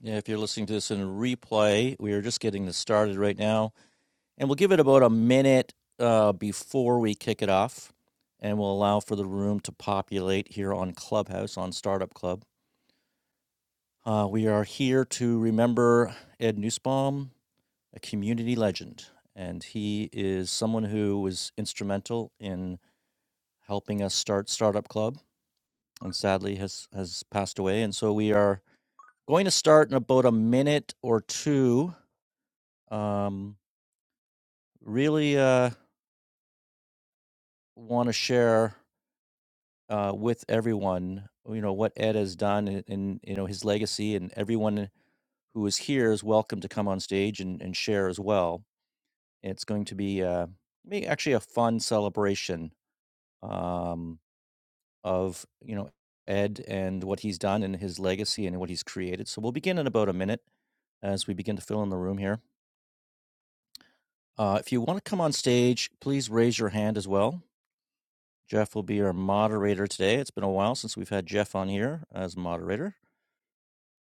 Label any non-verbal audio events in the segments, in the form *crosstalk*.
Yeah, if you're listening to this in a replay, we are just getting this started right now, and we'll give it about a minute uh, before we kick it off, and we'll allow for the room to populate here on Clubhouse on Startup Club. Uh, we are here to remember Ed Newsbaum, a community legend, and he is someone who was instrumental in helping us start Startup Club, and sadly has has passed away. And so we are going to start in about a minute or two. Um, really uh, want to share uh, with everyone, you know, what Ed has done and, and you know his legacy, and everyone who is here is welcome to come on stage and, and share as well. It's going to be uh, may- actually a fun celebration um, of you know Ed and what he's done and his legacy and what he's created. So we'll begin in about a minute as we begin to fill in the room here. Uh, if you want to come on stage, please raise your hand as well Jeff will be our moderator today. It's been a while since we've had Jeff on here as moderator.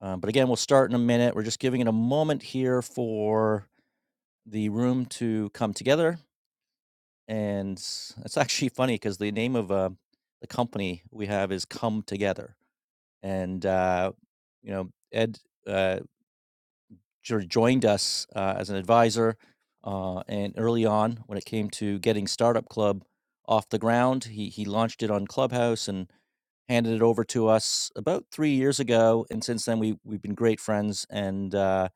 Um, but again, we'll start in a minute. We're just giving it a moment here for the room to come together. And it's *laughs* actually funny because the name of uh, the company we have is Come Together. And, uh, you know, Ed uh, sort of joined us uh, as an advisor. Uh, and early on, when it came to getting Startup Club off the ground, he, he launched it on Clubhouse and handed it over to us about three years ago, and since then we we've been great friends, and uh,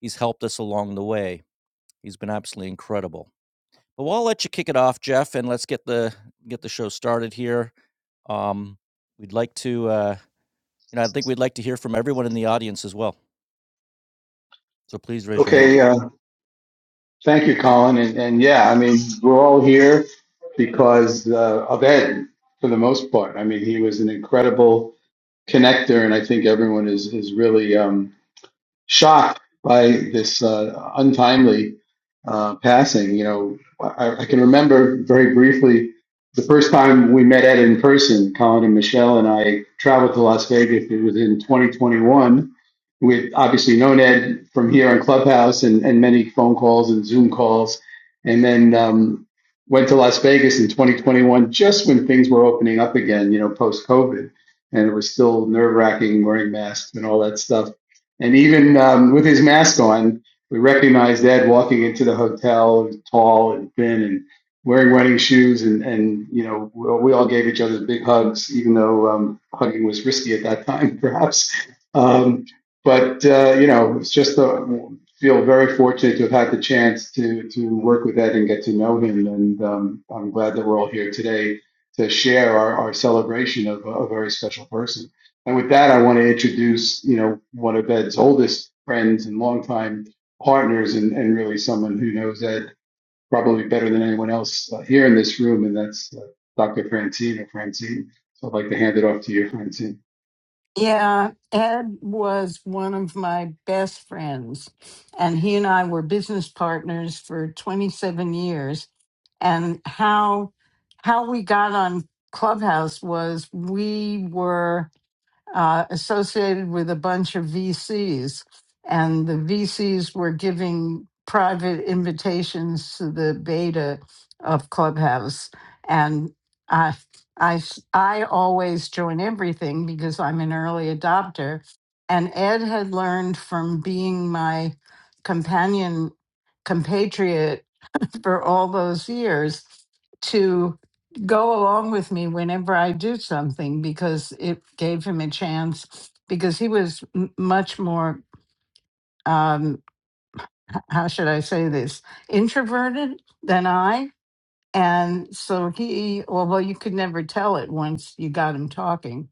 he's helped us along the way. He's been absolutely incredible. But well, I'll let you kick it off, Jeff, and let's get the get the show started here. Um, we'd like to, uh, you know, I think we'd like to hear from everyone in the audience as well. So please raise your hand. Okay. Okay, uh, thank you, Colin. And, and yeah, I mean, we're all here because uh, of Ed, for the most part. I mean, he was an incredible connector, and I think everyone is is really. um, shocked by this uh, untimely uh, passing. You know, I, I can remember very briefly the first time we met Ed in person. Colin and Michelle and I traveled to Las Vegas. It was in 2021. We'd obviously known Ed from here on Clubhouse and, and many phone calls and Zoom calls, and then um, went to Las Vegas in 2021, just when things were opening up again. You know, post COVID, and it was still nerve wracking wearing masks and all that stuff and even um, with his mask on, we recognized Ed walking into the hotel, tall and thin, and wearing running shoes. And, and you know, we all gave each other big hugs, even though um, hugging was risky at that *laughs* time, perhaps. Um, but uh, you know, it's just a, feel very fortunate to have had the chance to to work with Ed and get to know him. And um, I'm glad that we're all here today to share our, our celebration of a, a very special person. And with that, I want to introduce, you know, one of Ed's oldest friends and longtime partners, and, and really someone who knows Ed probably better than anyone else uh, here in this room, and that's uh, Dr. Francine or Francine. So I'd like to hand it off to you, Francine. Yeah, Ed was one of my best friends, and he and I were business partners for 27 years. And how how we got on Clubhouse was we were uh, associated with a bunch of VCs, and the VCs were giving private invitations to the beta of Clubhouse, and I, I, s- I always join everything because I'm an early adopter, and Ed had learned from being my companion compatriot for all those years to go along with me whenever I do something because it gave him a chance. Because he was m- much more, um, how should I say this, introverted than I. And so he, although you could never tell it once you got him talking.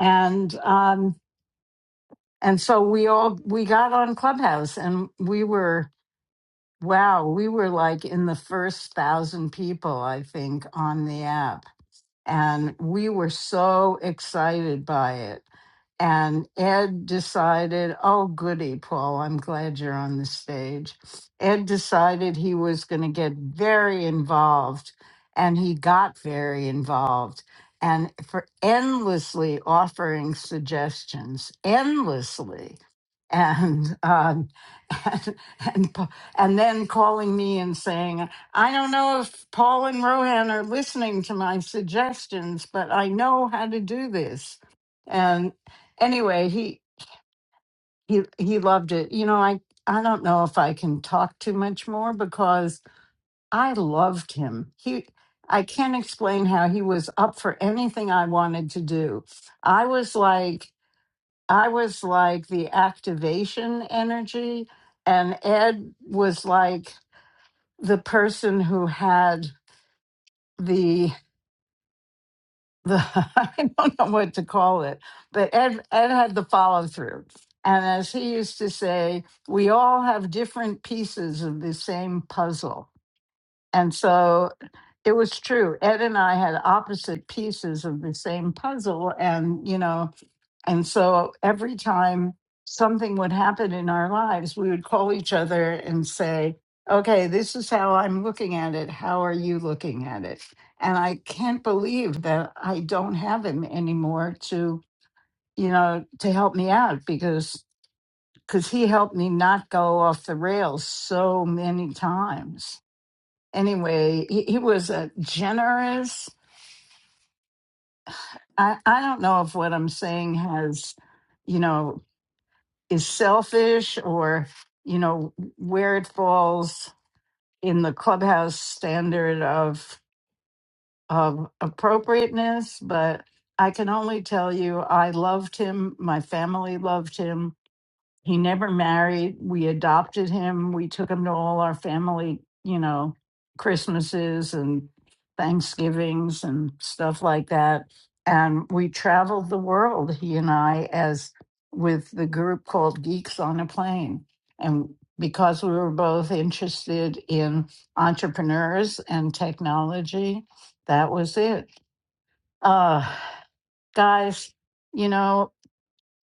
And, um, and so we all, we got on Clubhouse and we were, wow, we were like in the first thousand people, I think, on the app and we were so excited by it. And Ed decided, oh, goody, Paul, I'm glad you're on the stage. Ed decided he was going to get very involved, and he got very involved and for endlessly offering suggestions, endlessly. And, um, *laughs* and and and then calling me and saying I don't know if Paul and Rohan are listening to my suggestions, but I know how to do this. And anyway, he he he loved it. You know, I I don't know if I can talk too much more because I loved him. He I can't explain how he was up for anything I wanted to do. I was like I was like the activation energy and Ed was like the person who had the the *laughs* I don't know what to call it, but Ed Ed had the follow through. And as he used to say, we all have different pieces of the same puzzle. And so it was true. Ed and I had opposite pieces of the same puzzle. And, you know, and so every time something would happen in our lives, we would call each other and say, Okay, this is how I'm looking at it. How are you looking at it? And I can't believe that I don't have him anymore to, you know, to help me out because because he helped me not go off the rails so many times. Anyway, he, he was a generous. I, I don't know if what I'm saying has you know is selfish or you know where it falls in the clubhouse standard of of appropriateness but i can only tell you i loved him my family loved him he never married. We adopted him. We took him to all our family, you know, Christmases and Thanksgivings and stuff like that. And we traveled the world, he and I, as with the group called Geeks on a Plane. And because we were both interested in entrepreneurs and technology, that was it. Uh, guys, you know,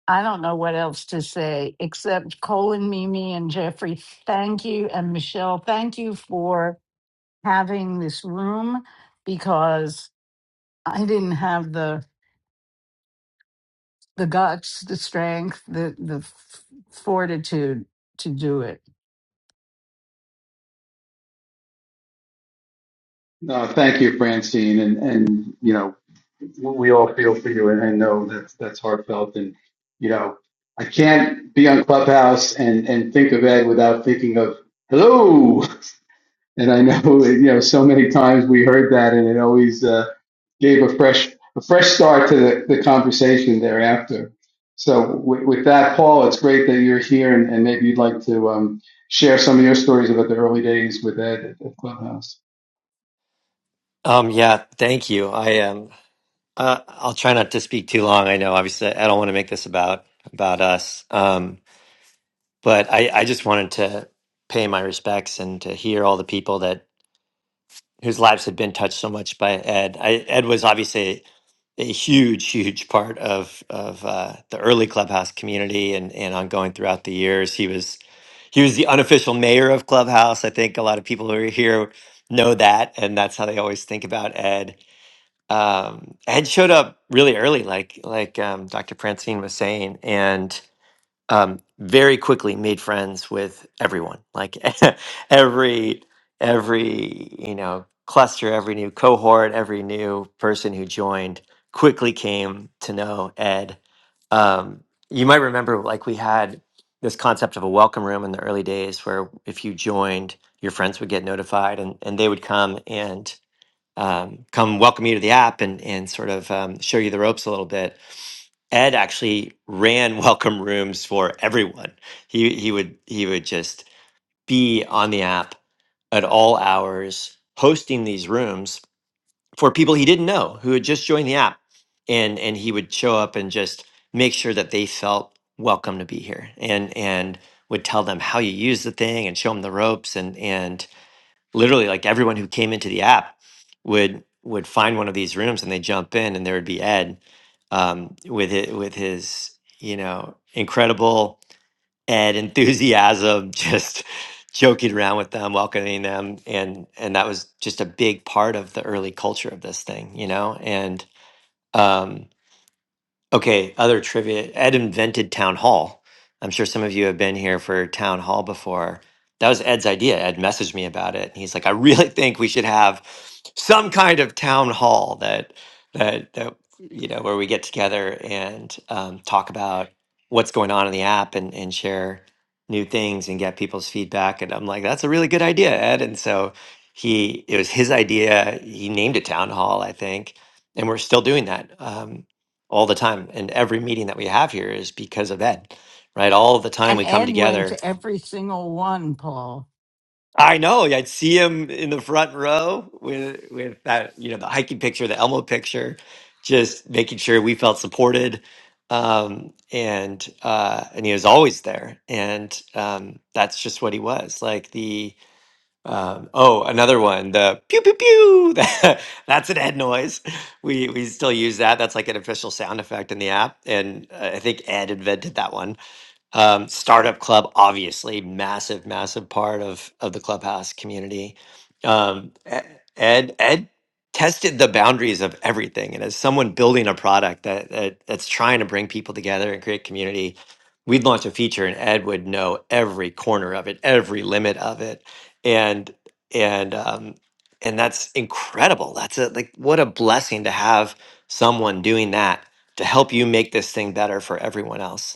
I don't know what else to say except Colin, Mimi, and Jeffrey, thank you. And Michelle, thank you for having this room because I didn't have the the guts, the strength, the the f- fortitude to do it. No, thank you, Francine, and and you know, we all feel for you, and I know that's that's heartfelt, and you know, I can't be on Clubhouse and and think of Ed without thinking of hello. And I know, *laughs* you know, so many times we heard that, and it always uh, gave a fresh a fresh start to the, the conversation thereafter. So, with, with that, Paul, it's great that you're here, and, and maybe you'd like to um, share some of your stories about the early days with Ed at, at Clubhouse. Um, yeah, thank you. I um, uh, I'll try not to speak too long. I know, obviously, I don't want to make this about about us. Um, but I, I just wanted to pay my respects and to hear all the people that whose lives had been touched so much by Ed. I, Ed was obviously a huge, huge part of of uh, the early clubhouse community and and ongoing throughout the years. He was he was the unofficial mayor of clubhouse. I think a lot of people who are here know that, and that's how they always think about Ed um, I had showed up really early, like like um, Dr. Francine was saying, and um, very quickly made friends with everyone. Like *laughs* every every you know cluster, every new cohort, every new person who joined quickly came to know Ed. Um, you might remember, like we had this concept of a welcome room in the early days, where if you joined, your friends would get notified, and and they would come and um, come welcome you to the app and and sort of um, show you the ropes a little bit. Ed actually ran *laughs* welcome rooms for everyone. He he would he would just be on the app at all hours hosting these rooms for people he didn't know who had just joined the app and and he would show up and just make sure that they felt welcome to be here and and would tell them how you use the thing and show them the ropes and and literally like everyone who came into the app would would find one of these rooms and they jump in and there would be ed um, with it with his you know incredible ed enthusiasm *laughs* just joking around with them welcoming them and and that was just a big part of the early culture of this thing you know and um, Okay, other trivia. Ed invented town hall. I'm sure some of you have been here for town hall before. That was Ed's idea. Ed messaged me about it, and he's like, "I really *laughs* think we should have some kind of town hall that that that you know where we get together and um, talk about what's going on in the app and and share new things and get people's feedback." And I'm like, "That's a really good idea, Ed." And so he, it was his idea. He named it town hall, I think, and we're still doing that. Um, all the time. And every meeting that we have here is because of Ed, right? All the time And we come Ed went together. to every single one, Paul. I know. I'd see him in the front row with with that, you know, the hiking picture, the Elmo picture, just making sure we felt supported. Um, and uh, and he was always there. And um, that's just what he was like. The. Um, oh, another one, the pew pew pew. *laughs* that- That's an Ed noise. We we still use that. That's like an official sound effect in the app, and uh, I think Ed invented that one. Um, Startup Club, obviously, massive, massive part of of the Clubhouse community. Um, E- Ed, Ed tested the boundaries of everything, and as someone building a product that, that that's trying to bring people together and create community, we'd launch a feature, and Ed would know every corner of it, every limit of it, and and um, and that's incredible. That's a like what a blessing to have someone doing that to help you make this thing better for everyone else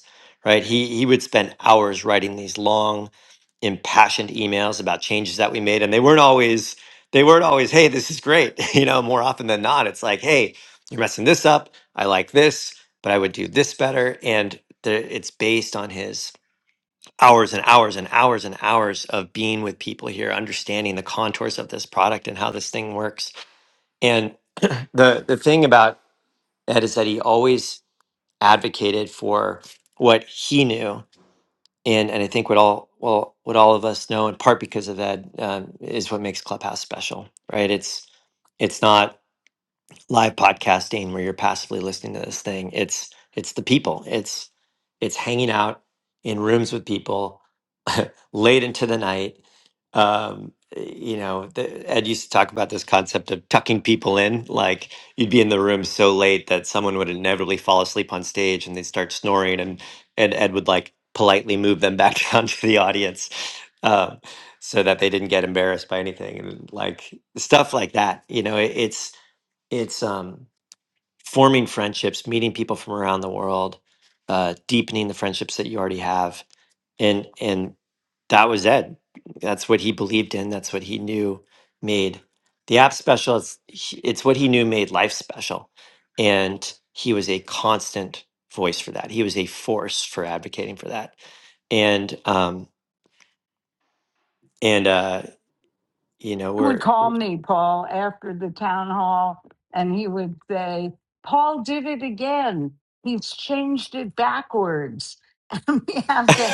right? He he would spend hours writing these long, impassioned emails about changes that we made, and they weren't always they weren't always, "Hey, this is great." *laughs* you know, more often than not, it's like, "Hey, you're messing this up. I like this, but I would do this better." And the, it's based on his hours and hours and hours and hours of being with people here, understanding the contours of this product and how this thing works. And the the thing about Ed is that he always advocated for what he knew and and I think what all well what all of us know in part because of that um, is what makes Clubhouse special, right? It's it's not live podcasting where you're passively listening to this thing it's it's the people it's it's hanging out in rooms with people *laughs* late into the night um you know the, ed used to talk about this concept of tucking people in like you'd be in the room so late that someone would inevitably fall asleep on stage and they'd start snoring and and ed would like politely move them back *laughs* down to the audience um, so that they didn't get embarrassed by anything and like stuff like that you know it, it's it's um, forming friendships, meeting people from around the world, uh, deepening the friendships that you already have, and and that was Ed. That's what he believed in. That's what he knew made the app special. It's he- it's what he knew made life special, and he was a constant voice for that. He was a force for advocating for that, and um and uh you know He would we're call me, Paul, after the town hall, and he would say, Paul did it again. He's changed it backwards. *laughs* and we have to."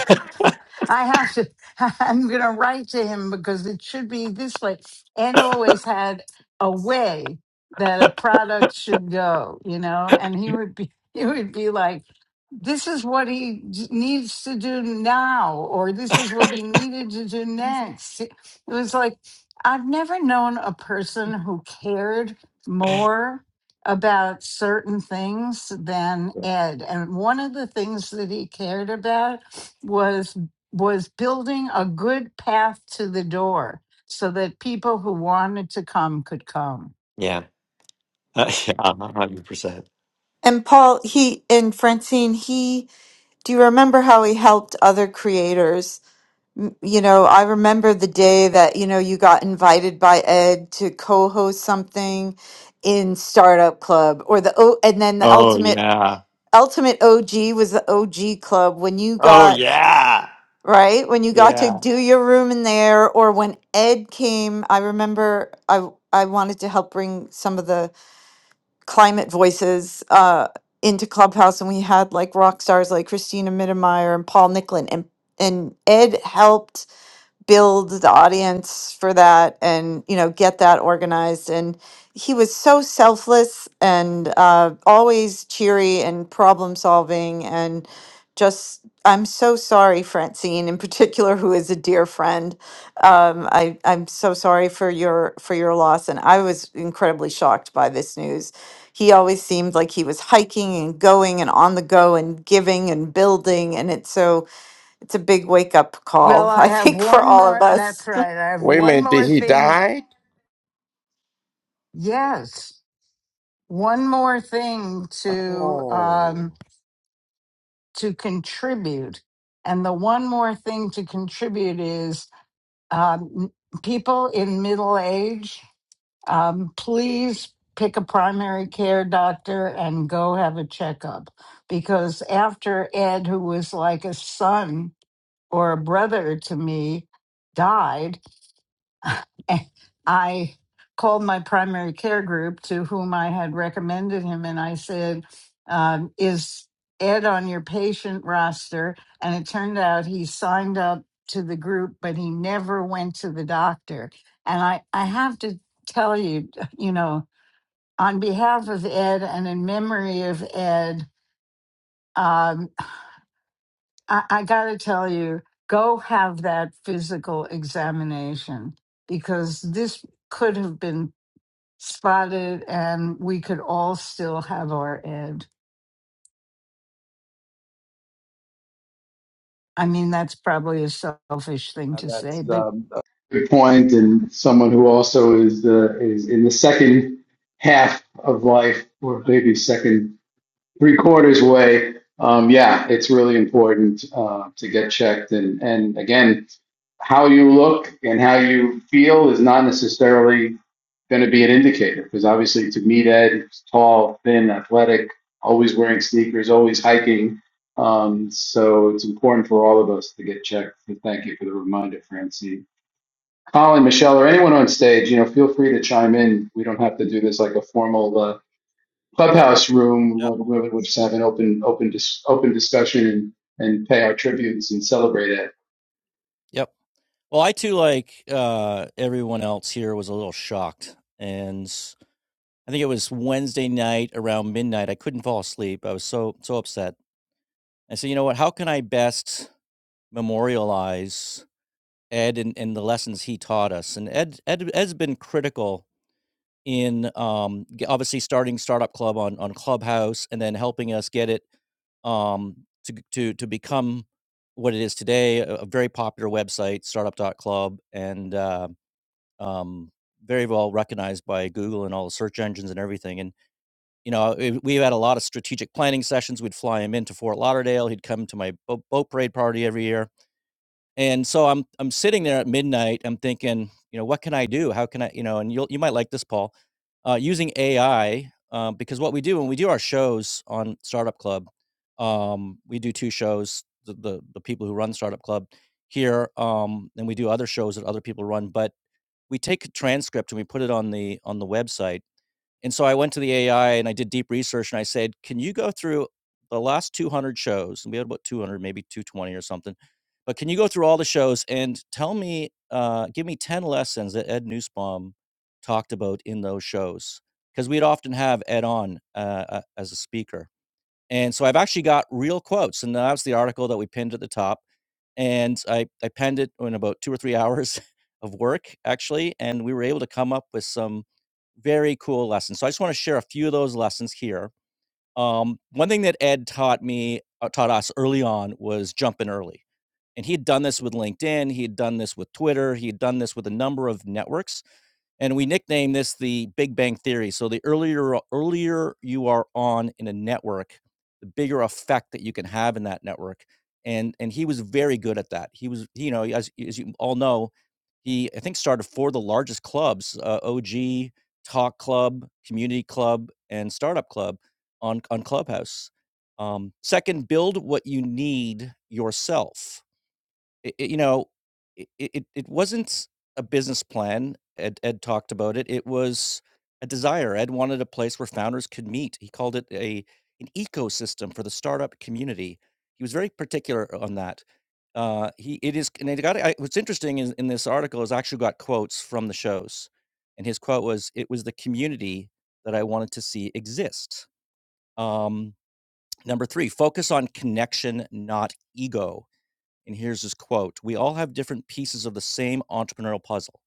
I have to, *laughs* I'm going to write to him because it should be this way. Ed always had a way that a product should go, you know, and he would be, *laughs* he would be like, this is what he j- needs to do now, or this is what he needed to do next. It was like, I've never known a person who cared more about certain things than Ed. And one of the things that he cared about was was building a good path to the door so that people who wanted to come could come. yeah *laughs* yeah one hundred percent. And Paul, he and Francine, he, do you remember how he helped other creators? M- You know, I remember the day that, you know, you got invited by Ed to co-host something in Startup Club or the O and then the Oh ultimate yeah. ultimate OG was the OG Club when you Oh got yeah. right when you got to Yeah. do your room in there or when Ed came, I remember I I wanted to help bring some of the climate voices uh, into Clubhouse, and we had like rock stars like Christina Mittermeier and Paul Nicklin, and and Ed helped build the audience for that and you know get that organized and he was so selfless and uh, always cheery and problem solving and just i'm so sorry francine in *laughs* particular who is a dear friend um, I, i'm so sorry for your for your loss and i was incredibly shocked by this news he always seemed like he was hiking and going and on the go and giving and building and it's so it's a big wake up Well, call, *laughs* I I have think, for one all of more. us. That's right. I have Wait a one minute, did more he thing. die? Yes, one more thing to um, Oh, to contribute, and the one more thing to contribute is um, people in middle age. um, please pick a primary care doctor and go have a checkup because after ed who was like a son or a brother to me died *laughs* I called my primary care group to whom I had recommended him, and I said, um, Is Ed on your patient roster? And it turned out he signed up to the group, but he never went to the doctor. And I, I have to tell you, *laughs* you know, on behalf of Ed and in memory of Ed, um, I, I got to tell you, go have that physical examination because this could have been spotted and we could all still have our ed. I mean, that's probably a selfish thing Uh, to say, that's, but um, uh, Good point, and someone who also is uh, is in the second half of life, or maybe second. three quarters way. Um, yeah, it's really important uh, to get checked. And, and again, how you look and how you feel is not necessarily going to be an indicator because obviously to meet Ed, he's tall, thin, athletic, always wearing sneakers, always hiking. Um, so it's important for all of us to get checked. And thank you for the reminder, Francine. Colin, Michelle, or anyone on stage, you know, feel free to chime in. We don't have to do this like a formal. uh, clubhouse room Yep. where the women would just have an open open dis- open discussion and, and pay our tributes and celebrate it. Yep. Well, I too, like uh, everyone else here, was a little shocked, and I think it was Wednesday night around midnight. I couldn't fall asleep. I was so so upset I said, you know what? How can I best memorialize Ed and, and the lessons he taught us? And Ed, Ed Ed's been critical in um, g- obviously starting Startup Club on on Clubhouse and then helping us get it um, to g- to to become what it is today, a, a very popular website, Startup dot club and uh, um, very well recognized by Google and all the search engines and everything. And you know, it, we had a lot of strategic planning sessions. We'd fly him into Fort Lauderdale. He'd come to my boat, boat parade party every year. And so I'm I'm sitting there at midnight. I'm thinking, you know, what can I do? How can I, you know? And you will you might like this, Paul, uh, using AI uh, because what we do when we do our shows on Startup Club, um, we do two shows. The, the the people who run Startup Club here, um, and we do other shows that other people run. But we take a transcript and we put it on the on the website and so I went to the AI and I did deep research and I said, "Can you go through the last 200 shows?" And we had about 200, maybe 220 or something. But can you go through all the shows and tell me, uh, give me 10 lessons that Ed Newsbaum talked about in those shows? Because we'd often have Ed on uh, uh, as a speaker. And so I've actually got real quotes. And that's the article that we pinned at the top and I I penned it in about 2 or 3 hours *laughs* of work, actually, and we were able to come up with some very cool lessons. So I just wanna share a few of those lessons here. Um, one thing that Ed taught me uh, taught us early on was jumping early, and he had done this with LinkedIn, he had done this with Twitter, he had done this with a number of networks, and we nicknamed this the Big Bang Theory. So the earlier earlier you are on in a network, the bigger effect that you can have in that network. And and he was very good at that. He was, you know, as as you all know, he I think started four of the largest clubs: uh, OG Talk Club, Community Club, and Startup Club on on Clubhouse. Um, second, build what you need yourself it it you know, it it it wasn't a business plan, Ed Ed talked about it, it was a desire, Ed wanted a place where founders could meet, he called it a an ecosystem for the startup community. He was very particular on that. Uh, he it is and it got I what's interesting is in this article is I actually got quotes from the shows, and his quote was, "It was the community that I wanted to see exist." Um, number 3, focus on connection, not ego. And here's his quote We all have different pieces of the same entrepreneurial puzzle.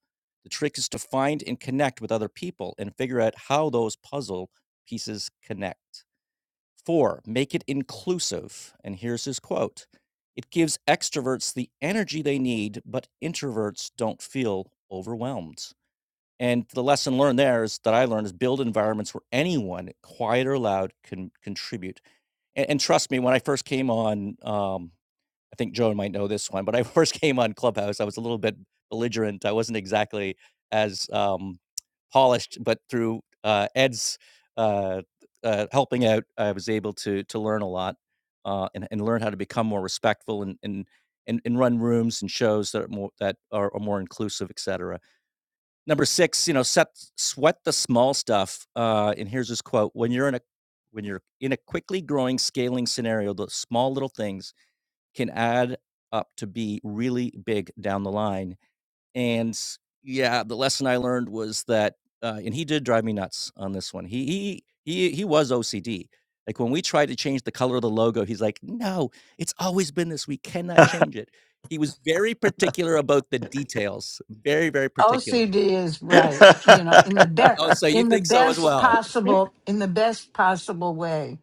The trick is to find and connect with other people and figure out how those puzzle pieces connect. Four, make it inclusive. And here's his quote It gives extroverts the energy they need, but introverts don't feel overwhelmed. And the lesson learned there is that I learned is build environments where anyone, quiet or loud, can contribute. And, and trust me, when I first came on, um, I think Joan might know this one, but I *laughs* first came on Clubhouse, I was a little bit belligerent. I wasn't exactly as um, polished, but through uh, Ed's uh, uh, helping out, I was able to to learn a lot uh, and, and learn how to become more respectful and and and, and run rooms and shows that are more that are, are more inclusive, et cetera. Number six, you know, set, sweat the small stuff. Uh, and here's his quote: "When you're in a when you're in a quickly growing scaling scenario, the small little things can add up to be really big down the line. And yeah, the lesson I learned was that, uh, and he did drive me nuts on this one. He he he he was OCD. Like when we tried to change the color of the logo, he's like, "No, it's always been this. We *laughs* cannot I change it." He was very particular about the details. Very very particular. OCD is right, you know, in the Oh, best, so you in the think so as best well? possible, in the best possible way.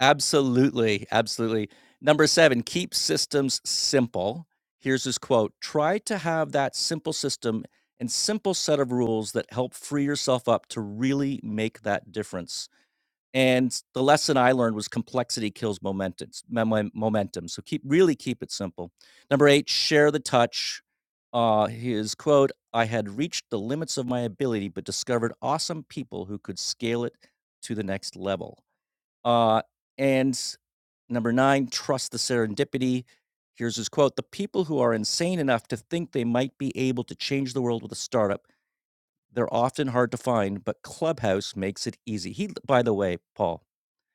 Absolutely, absolutely. Number 7, keep systems simple. Here's his quote, "Try to have that simple system and simple set of rules that help free yourself up to really make that difference." And the lesson I learned was complexity kills momentum memo momentum, so keep really keep it simple. Number 8, share the touch. Uh, his quote, "I had reached the limits of my ability, but discovered awesome people who could scale it to the next level." Uh, and Number nine, trust the serendipity. Here's his quote The people who are insane enough to think they might be able to change the world with a startup, they're often hard to find, but Clubhouse makes it easy. He, by the way, Paul,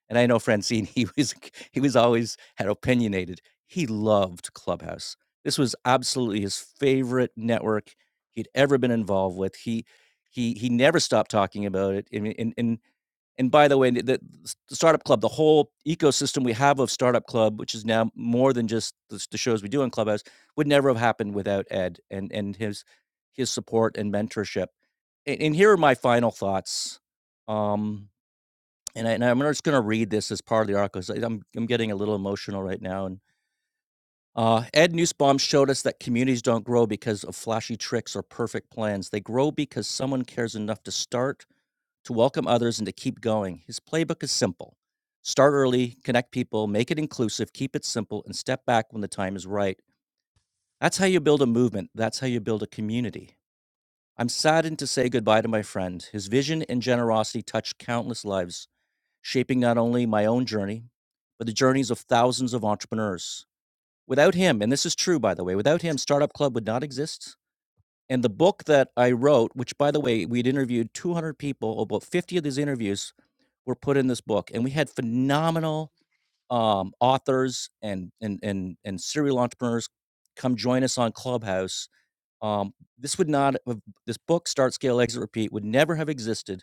and I know Francine, *laughs* he was, he was always had opinionated. He loved Clubhouse. This was absolutely his favorite network he'd ever been involved with. He, he, he never stopped talking about it. I mean, And, and and by the way, the, the Startup Club, the whole ecosystem we have of Startup Club, which is now more than just the, the shows we do on Clubhouse, would never have happened without Ed and and his his support and mentorship. And, and here are my final thoughts. Um, and, I, and I'm just going to read this as part of the article. I- I'm I'm getting a little emotional right now. And uh, Ed Nussbaum showed us that communities don't grow because of flashy tricks or perfect plans. They grow because someone cares enough to start to welcome others and to keep going. His playbook is simple start early, connect people, make it inclusive, keep it simple, and step back when the time is right. That's how you build a movement, that's how you build a community. I'm saddened to say goodbye to my friend. His vision and generosity touched countless lives, shaping not only my own journey, but the journeys of thousands of entrepreneurs. Without him, and this is true, by the way, without him, Startup Club would not exist. And the book that I wrote, which, by the way, we'd interviewed 200 people, about 50 of these interviews were put in this book, and we had phenomenal um, authors and and and and serial entrepreneurs come join us on Clubhouse. Um, this would not have, this book Start Scale Exit Repeat would never have existed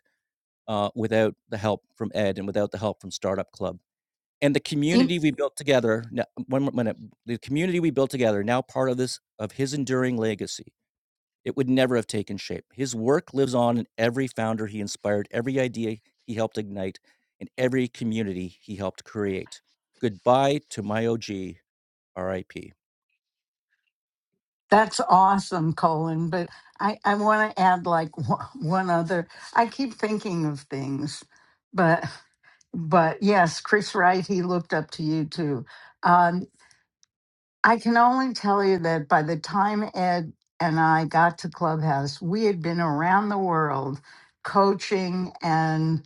uh, without the help from Ed and without the help from Startup Club and the In- community we built together. no- One minute, the community we built together now part of this of his enduring legacy it would never have taken shape. His work lives on in every founder he inspired, every idea he helped ignite, and every community he helped create. Goodbye to my OG, RIP. That's awesome, Colin. But I, I want to add like *laughs* one one other. I keep thinking of things, but but yes, Chris Wright, he looked up to you too. Um, I can only tell you that by the time Ed and I got to Clubhouse, we had been around the world coaching and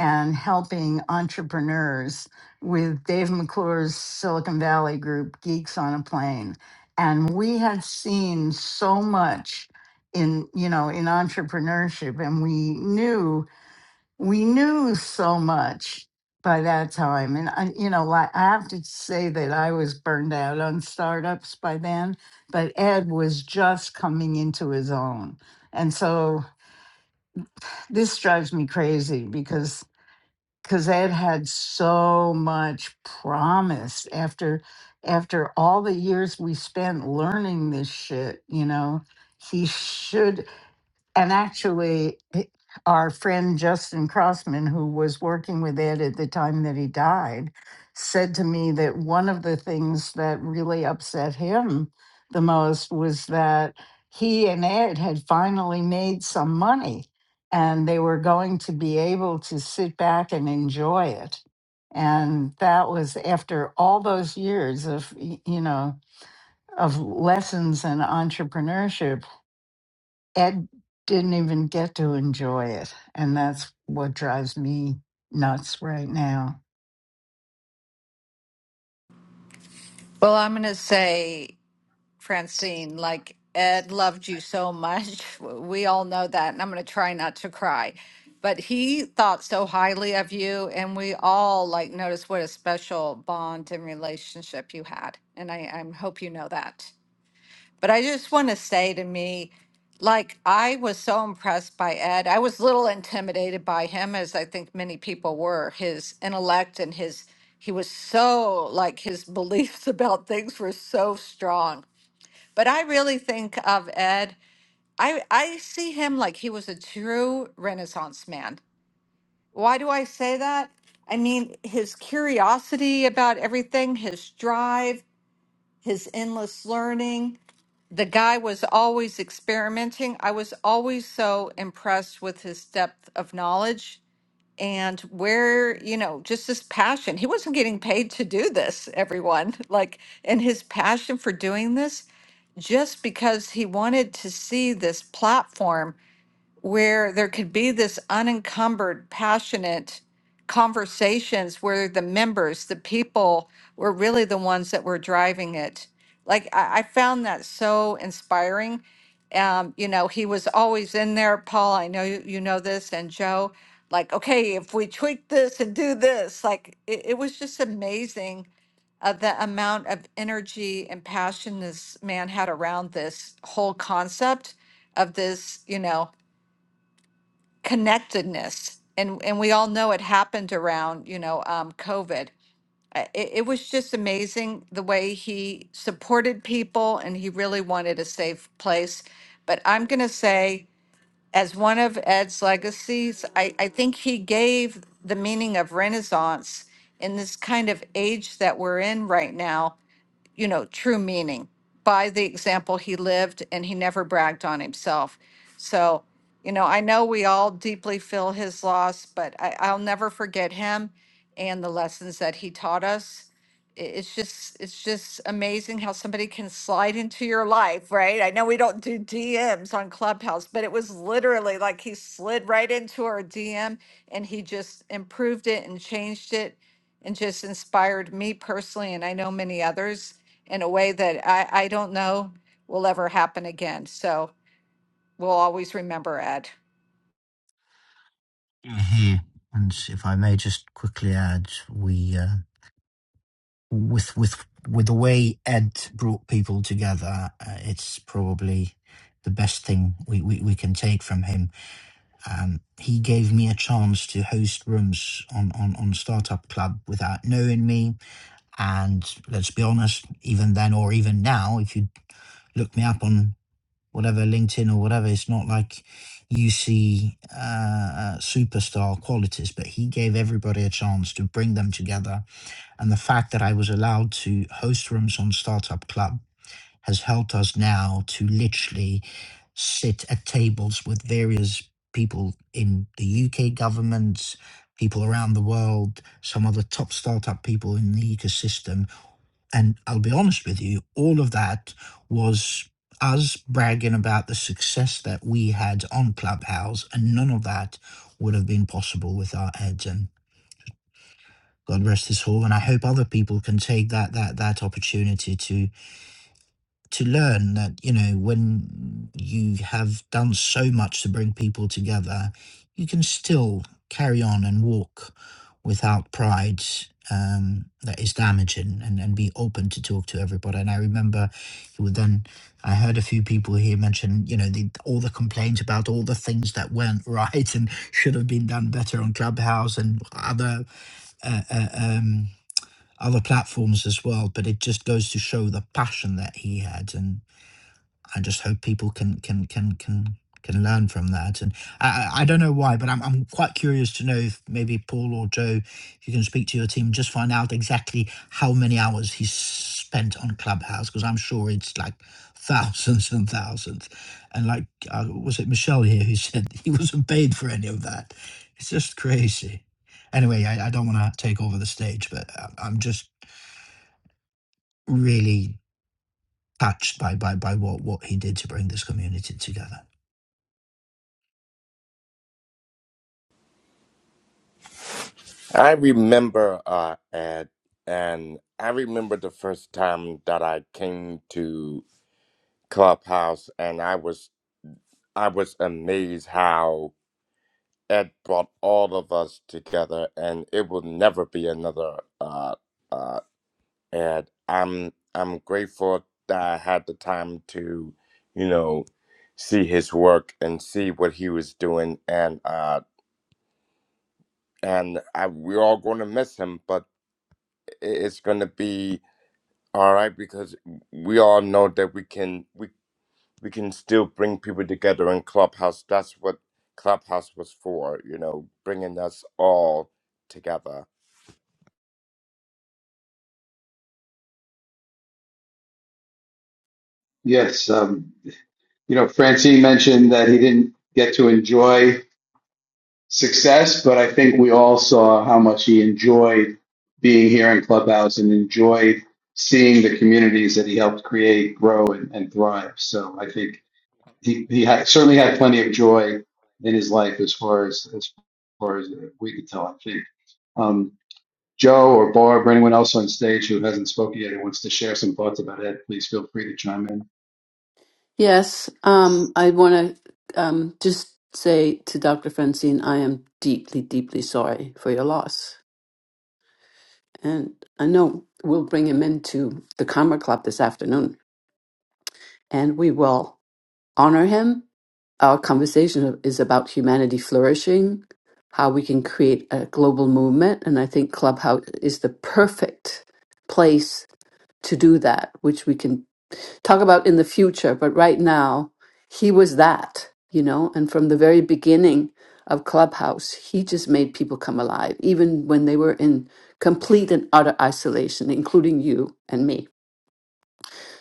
and helping entrepreneurs with Dave McClure's Silicon Valley group, Geeks on a Plane. And we had seen so much in, you know, in entrepreneurship and we knew we knew so much by that time. And I, you know, like I have to say that I was burned out on startups by then, but Ed was just coming into his own. And so this drives me crazy because because Ed had so much promise after after all the years we spent learning this shit, you know, he should and actually, h- our friend Justin Crossman, who was working with Ed at the time that he died, said to me that one of the things that really upset him the most was that he and Ed had finally made some money and they were going to be able to sit back and enjoy it. And that was after all those years of, y- you know, of lessons in entrepreneurship Ed didn't even get to enjoy it. And that's what drives me nuts right now. Well, I'm going to say, Francine, like Ed loved you so much. *laughs* We all know that. And I'm going to try not to cry. But he thought so highly of you. And we all like noticed what a special bond and relationship you had. And I, I hope you know that. But I just want to say to me, like, I was so impressed by Ed. I was a little intimidated by him, as I think many people were, his intellect and his, he was so, like, his beliefs *laughs* about things were so strong. But I really think of Ed, I, I see him like he was a true Renaissance man. Why do I say that? I mean, his curiosity about everything, his drive, his endless learning the guy was always experimenting. I was always so impressed with his depth of knowledge and where, you know, just his passion. He wasn't getting paid to do this, everyone. *laughs* Like, and his passion for doing this just because he wanted to see this platform where there could be this unencumbered, passionate conversations where the members, the people, were really the ones that were driving it. Like I, I found that so inspiring. Um, you know, he was always in there, Paul. I know you, you know this, and Joe. Like, okay, if we tweak this and do this, like it, it was just amazing uh, the amount of energy and passion this man had around this whole concept of this, you know, connectedness and and we all know it happened around you know um, covid Uh, it, it was just amazing the way he supported people and he really wanted a safe place but i'm going to say as one of ed's legacies I, I think he gave the meaning of renaissance in this kind of age that we're in right now you know, true meaning by the example he lived, and he never bragged on himself. So, you know, I know we all deeply feel his loss, but I, I'll never forget him and the lessons that he taught us. I- It's just, it's just amazing how somebody can slide into your life, right? I know we don't do DMs on Clubhouse, but it was literally like he slid right into our DM and he just improved it and changed it and just inspired me personally, and I know many others in a way that I, I don't know will ever happen again. So we'll always remember Ed. here. And if I may just quickly add, we uh, with with with the way Ed brought people together, uh, it's probably the best thing we, we, we can take from him. Um, he gave me a chance to host rooms on, on, on Startup Club without knowing me. And let's be honest, even then or even now, if you look me up on whatever LinkedIn or whatever. It's not like you see uh, uh, superstar qualities, but he gave everybody a chance to bring them together. And the fact that I was allowed to host rooms on Startup Club has helped us now to literally sit at tables with various people in the UK government, people around the world, some of the top startup people in the ecosystem and I'll be honest with you, all of that was us bragging about the success that we had on Clubhouse, and none of that would have been possible with our ads. And God rest his soul. And I hope other people can take that that that opportunity to to learn that you know when you have done so much to bring people together you can still carry on and walk without pride um, that is damaging and, and be open to talk to everybody and i remember he would then i heard a few people here mention you know the, all the complaints about all the things that weren't *laughs* right and should have been done better on clubhouse and other uh, uh, um, other platforms as well but it just goes to show the passion that he had and. I just hope people can can can can can learn from that. And I, I I don't know why, but I'm I'm quite curious to know if maybe Paul or Joe, if you can speak to your team, just find out exactly how many hours he's spent on Clubhouse because I'm sure it's like *laughs* thousands and thousands. And like uh, was it Michelle here who said *laughs* he wasn't paid for any of that? It's just crazy. Anyway, I, I don't want to take over the stage, but I- I'm just really touched by by by what what he did to bring this community together. I remember uh, Ed, and I remember the first time that I came to Clubhouse, and I was I was amazed how Ed brought all of us together, and it will never be another uh, uh, Ed. I'm I'm grateful that I had the time to, you know, see his work and see what he was doing, and. uh. and I, we're all going to miss him, but i- it's going to be all right because we all know that we can we we can still bring people together in Clubhouse. That's what Clubhouse was for, you know, bringing us all together. Yes, um, you know, Francine mentioned that he didn't get to enjoy success, but I think we all saw how much he enjoyed being here in clubhouse and enjoyed seeing the communities that he helped create, grow, and, and thrive. So I think he he had, certainly had plenty of joy in his life as far as as far as we could tell. I think. Um, Joe or Barb or anyone else on stage who hasn't spoken yet and wants to share some thoughts about it, please feel free to chime in. Yes, um, I want to um, just say to Dr. Francine, I am deeply, deeply sorry for your loss. And I know we'll bring him into the Karma Club this afternoon and we will honor him. Our conversation is about humanity flourishing, how we can create a global movement. And I think Clubhouse is the perfect place to do that, which we can talk about in the future, but right now, he was that, you know, and from the very beginning of Clubhouse, he just made people come alive, even when they were in complete and utter isolation, including you and me.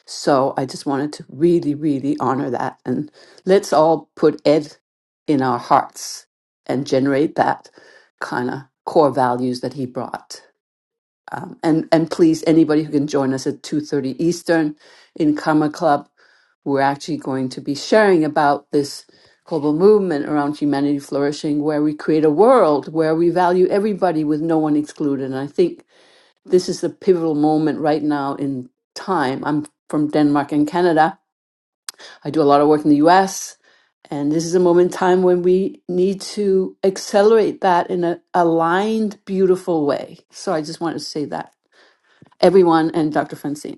So I just wanted to really, really honor that. And let's all put Ed in our hearts and generate that kind of core values that he brought. Um, and and please, anybody who can join us at two thirty Eastern in Karma Club, we're actually going to be sharing about this global movement around humanity flourishing, where we create a world where we value everybody with no one excluded. And I think this is the pivotal moment right now in time. I'm from Denmark and Canada. I do a lot of work in the U.S. And this is a moment in time when we need to accelerate that in an aligned, beautiful way. So I just wanted to say that everyone and Dr. Francine.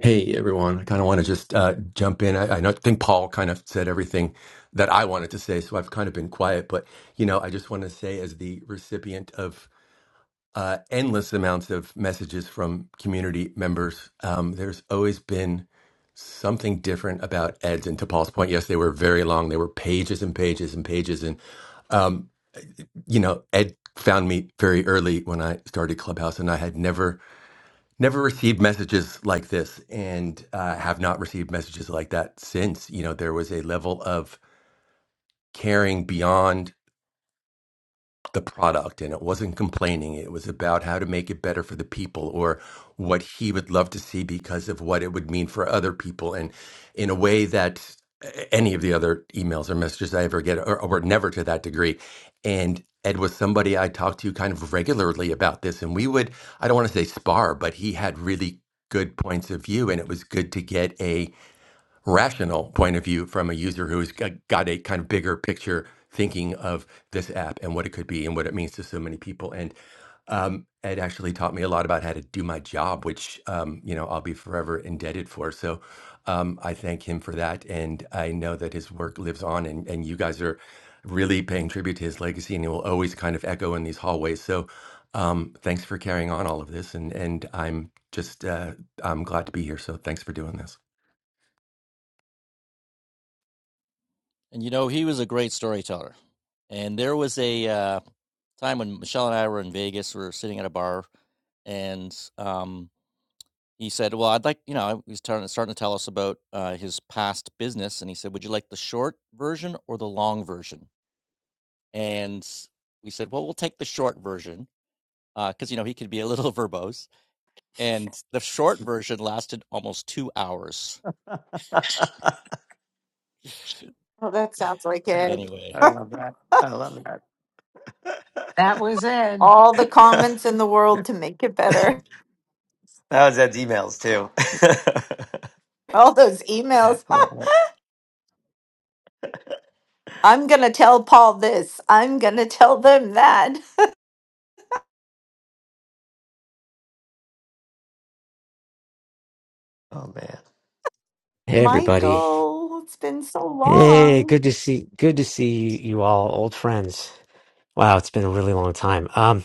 Hey everyone, I kind of want to just uh, jump in. I, I know, think Paul kind of said everything that I wanted to say, so I've kind of been quiet. But you know, I just want to say, as the recipient of uh, endless amounts of messages from community members, um, there's always been something different about Eds. And to Paul's point, yes, they were very long; they were pages and pages and pages. And um, you know, Ed found me very early when I started Clubhouse, and I had never never received messages like this and uh, have not received messages like that since. You know, there was a level of caring beyond the product and it wasn't complaining. It was about how to make it better for the people or what he would love to see because of what it would mean for other people. And in a way that any of the other emails or messages I ever get are, are never to that degree. And Ed was somebody I talked to kind of regularly about this. And we would, I don't want to say spar, but he had really good points of view. And it was good to get a rational point of view from a user who's g- got a kind of bigger picture thinking of this app and what it could be and what it means to so many people. And um, it actually taught me a lot about how to do my job, which um, you know I'll be forever indebted for. So um, I thank him for that, and I know that his work lives on, and and you guys are really paying tribute to his legacy, and it will always kind of echo in these hallways. So um, thanks for carrying on all of this, and and I'm just uh, I'm glad to be here. So thanks for doing this. And you know, he was a great storyteller. And there was a uh, time when Michelle and I were in Vegas, we were sitting at a bar, and um, he said, "Well, I'd like you know." He's starting starting to tell us about uh, his past business, and he said, "Would you like the short version or the long version?" and we said, well, we'll take the short version because uh, you know he could be a little *laughs* verbose. And the short version lasted almost two hours. Well, that sounds like it. Anyway, love that. I love that. That was Ed. All the *laughs* comments in the world to make it better. *laughs* That was Ed's emails too. All those emails. *laughs* Love it. *laughs* I'm going to tell Paul this. I'm going to tell them that. Oh man. Hey everybody. Michael, it's been so Hey, long. good to see good to see you, you all old friends. Wow, it's been a really long time. Um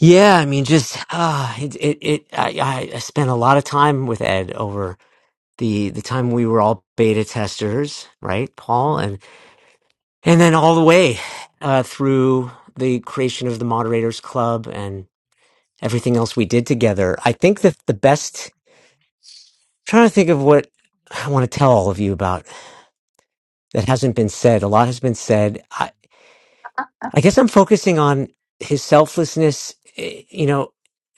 yeah, I mean just uh it it, it I I I spent a lot of time with Ed over the the time we were all beta testers, right? Paul and and then all the way uh through the creation of the moderators club and everything else we did together. I think that the best trying to think of what I want to tell all of you about that hasn't been said. A lot has been said. I. I guess I'm focusing on his selflessness, eh, you know,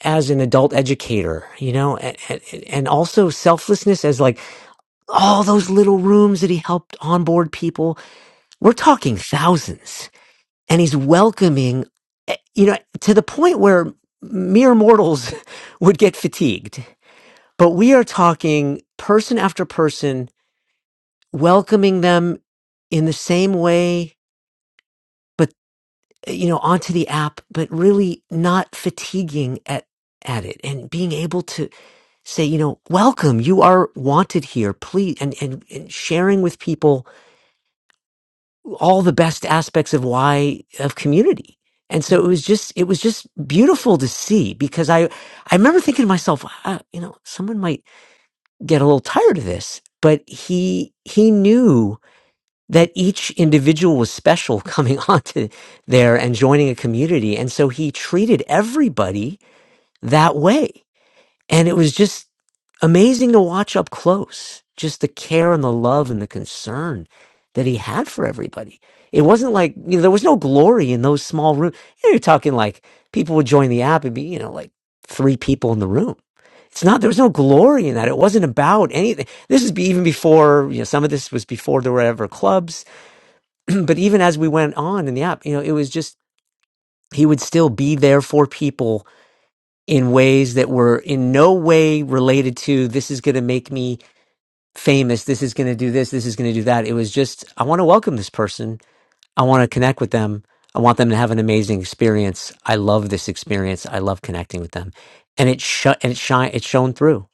as an adult educator, you know, and, and, and also selflessness as like all those little rooms that he helped onboard people. We're talking thousands and he's welcoming, eh, you know, to the point where mere mortals *laughs* would get fatigued. But we are talking person after person, welcoming them in the same way but. you know onto the app but really not fatiguing at at it and being able to say you know welcome you are wanted here please and and, and sharing with people all the best aspects of why of community and so it was just it was just beautiful to see because i i remember thinking to myself ah, you know someone might get a little tired of this but he he knew that each individual was special coming *laughs* onto there and joining a community. And so he treated everybody that way. And it was just amazing to watch up close, just the care and the love and the concern that he had for everybody. It wasn't like, you know, there was no glory in those small rooms. You know, you're talking like people would join the app and be, you know, like three people in the room. It's not, there was no glory in that. It wasn't about anything. This is be, even before, you know, some of this was before there were ever clubs but even as we went on in the app, you know, it was just he would still be there for people in ways that were in no way related to this is going to make me famous, this is going to do this, this is going to do that. It was just I want to welcome this person. I want to connect with them. I want them to have an amazing experience. I love this experience. I love connecting with them. And it shut and it shine it shone through.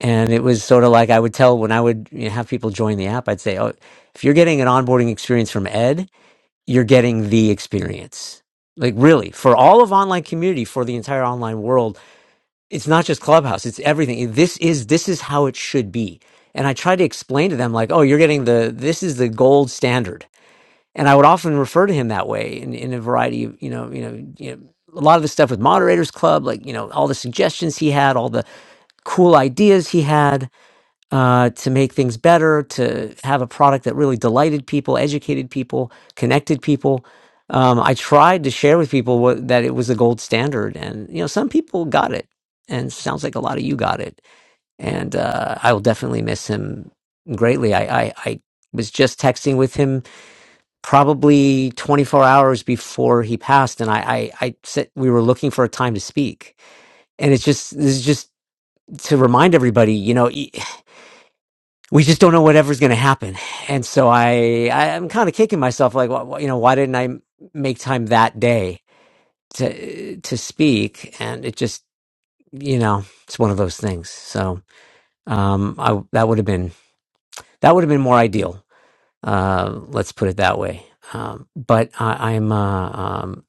And it was sort of like I would tell when I would you know, have people join the app, I'd say, "Oh, if you're getting an onboarding experience from Ed, you're getting the experience. Like really, for all of online community, for the entire online world, it's not just Clubhouse, it's everything. This is this is how it should be. And I try to explain to them like, "Oh, you're getting the this is the gold standard." And I would often refer to him that way in, in a variety of, you know, you know, you know, a lot of the stuff with Moderators Club, like, you know, all the suggestions he had, all the cool ideas he had uh, to make things better, to have a product that really delighted people, educated people, connected people. Um, I tried to share with people what, that it was the gold standard, and you know, some people got it, and sounds like a lot of you got it. And uh, I will definitely miss him greatly. I, I, I was just texting with him probably 24 hours before he passed, and I, I, I said we were looking for a time to speak, and it's just this is just to remind everybody, you know. e, we just don't know whatever's going to happen. And so I, I I'm kind of kicking myself, like, wh- wh- you know, why didn't I m- make time that day to to speak? And it just, you know, it's one of those things. So um, I that would have been that would have been more ideal. Uh, let's put it that way. Um, but I, I'm, uh, um,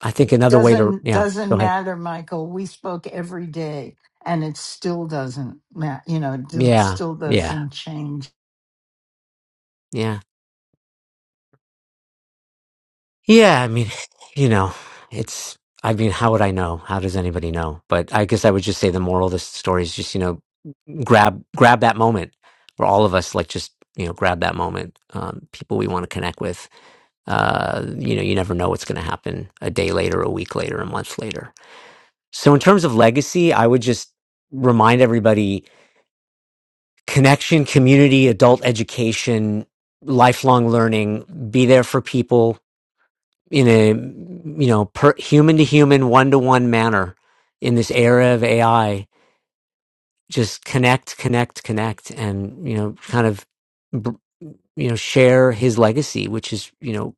I think another way to, Doesn't yeah, doesn't go ahead. matter, Michael. We spoke every day and it still doesn't matter. You know, it Yeah, still yeah, doesn't change. yeah. Yeah, I mean, *sighs* you know, it's, I mean, how would I know? How does anybody know? But I guess I would just say the moral of this story is just, you know, grab, grab that moment where all of us like just, you know, grab that moment. Um, people we want to connect with, uh, you know, you never know what's going to happen a day later, a week later, a month later. So in terms of legacy, I would just remind everybody connection, community, adult education, lifelong learning, be there for people in a you know per, human to human one to one manner in this era of AI just connect connect connect and you know kind of br- you know share his legacy which is you know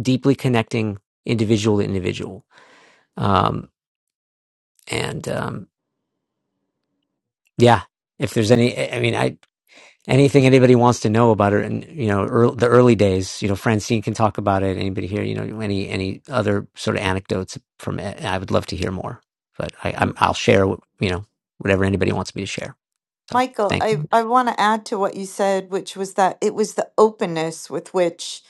deeply connecting individual to individual um and um yeah if there's any i I mean i anything anybody wants to know about her and you know ear the early days you know francine can talk about it anybody here you know any any other sort of anecdotes from it i would love to hear more but i I'm, M- i'll share what- you know whatever anybody wants me to share so Michael, thanks I, I want to add to what you said, which was that it was the openness with which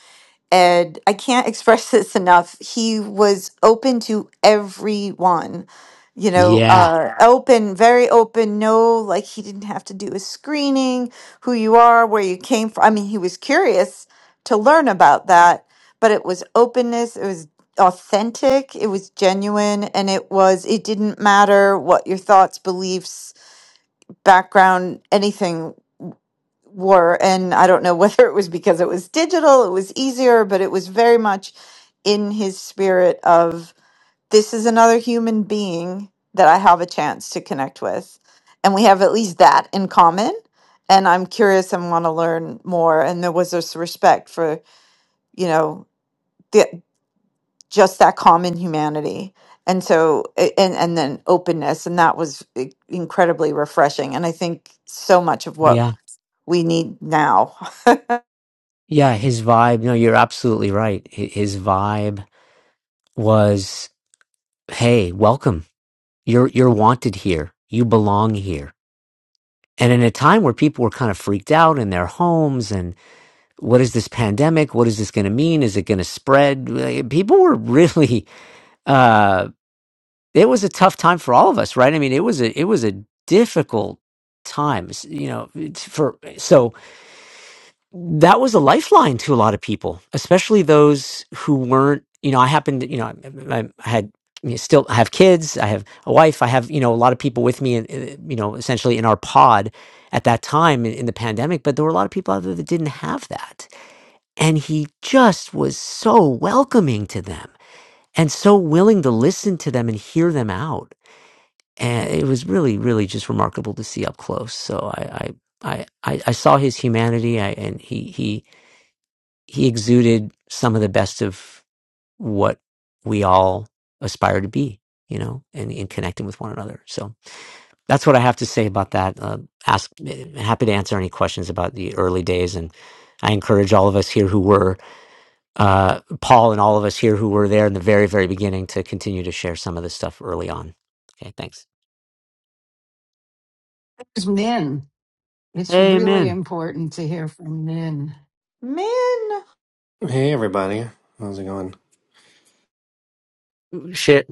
And I can't *laughs* express this enough. He was open to everyone, you know, yeah uh, Yeah. open, very open. No, like he didn't have to do a screening, who you are, where you came from. I mean, he was curious to learn about that, but it was openness. It was authentic. It was genuine. And it was, it didn't matter what your thoughts, beliefs, background, anything were and i don't know *laughs* whether it was because it was digital it was easier but it was very much in his spirit of this is another human being that i have a chance to connect with and we have at least that in common and i'm curious and want to learn more and there was this respect for you know the, just that common humanity and so a- and and then openness and that was i- incredibly refreshing and i think so much of what yeah we need now yeah his vibe no you're absolutely right Hi- his vibe was hey welcome you're you're wanted here you belong here and in a time where people were kind of freaked out in their homes what is this pandemic? What is this going to mean? Is it going to spread? Like, People were really. Uh, it was a tough time for all of us, right? I mean, it was a it was a difficult time, s- you know. it's For so that was a lifeline to a lot of people, especially those who weren't. You know, I happened. to- You know, I, I I had you know, still I have kids. I have a wife. I have you know a lot of people with me, and uh, you know, essentially in our pod at that time in, in the pandemic. But there were a lot of people out there that didn't have that and he just was so welcoming to them and so willing to listen to them and hear them out. And it was really, really just remarkable to see up close. So I, I, I, I I saw his humanity I, and he, he, he exuded some of the best of what we all aspire to be, you know, and in connecting with one another. So that's what I have to say about that. Uh, ask, happy to answer any questions about the early days. And I encourage all of us here who were uh, Paul and all of us here who were there in the very, very beginning to continue to share some of this stuff early on. Okay, thanks. It's Min. It's really Amen. important to hear from Min. Man, Hey everybody, how's it going? Share,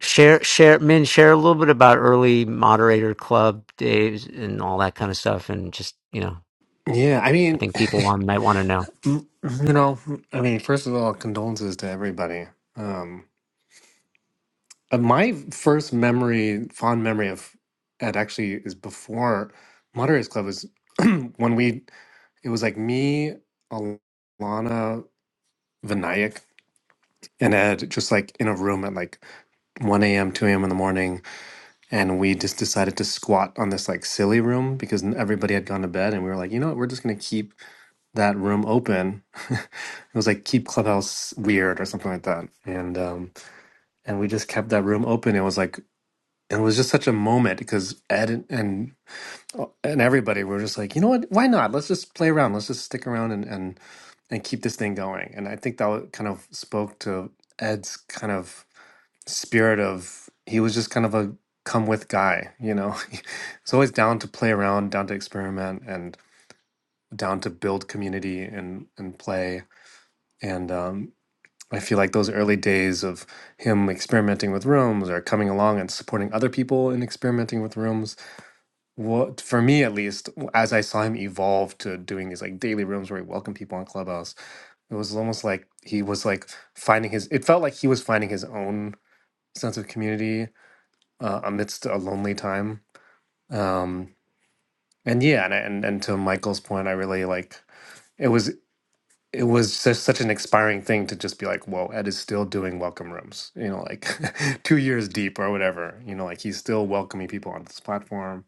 share, share, men, share a little bit about early moderator club days and all that kind of stuff. And just, you know, Yeah, I I mean, think people want, might want to know. *laughs* you know, I mean, first of all, condolences to everybody. Um, uh, my first memory, fond memory of it actually is before Moderators Club was *clears throat* when we it was like me, Alana, Vinayak, and Ed just like in a room at like 1 a.m., 2 a.m. in the morning, and we just decided to squat on this like silly room because everybody had gone to bed, and we were like, you know what, we're just gonna keep that room open. *laughs* it was like keep Clubhouse weird or something like that. And um and we just kept that room open. It was like it was just such a moment because Ed and and uh, and everybody were just like, you know what? Why not? Let's just play around. Let's just stick around and and and keep this thing going. And I think that wa- kind of spoke to Ed's kind of spirit of he was just kind of a come with guy, you know. *laughs* He's always down to play around, down to experiment and down to build community and and play and um, I feel like those early days of him experimenting with rooms or coming along and supporting other people in experimenting with rooms, what for me at least, as I saw him evolve to doing these like daily rooms where he welcomed people on Clubhouse, it was almost like he was like finding his. It felt like he was finding his own sense of community uh, amidst a lonely time. Um, and yeah, and, I- and and to Michael's point, I really like it was. it was such, such an inspiring thing to just be like, whoa, Ed is still doing welcome rooms, you know, like *laughs* two years deep or whatever, you know, like he's still welcoming people on this platform.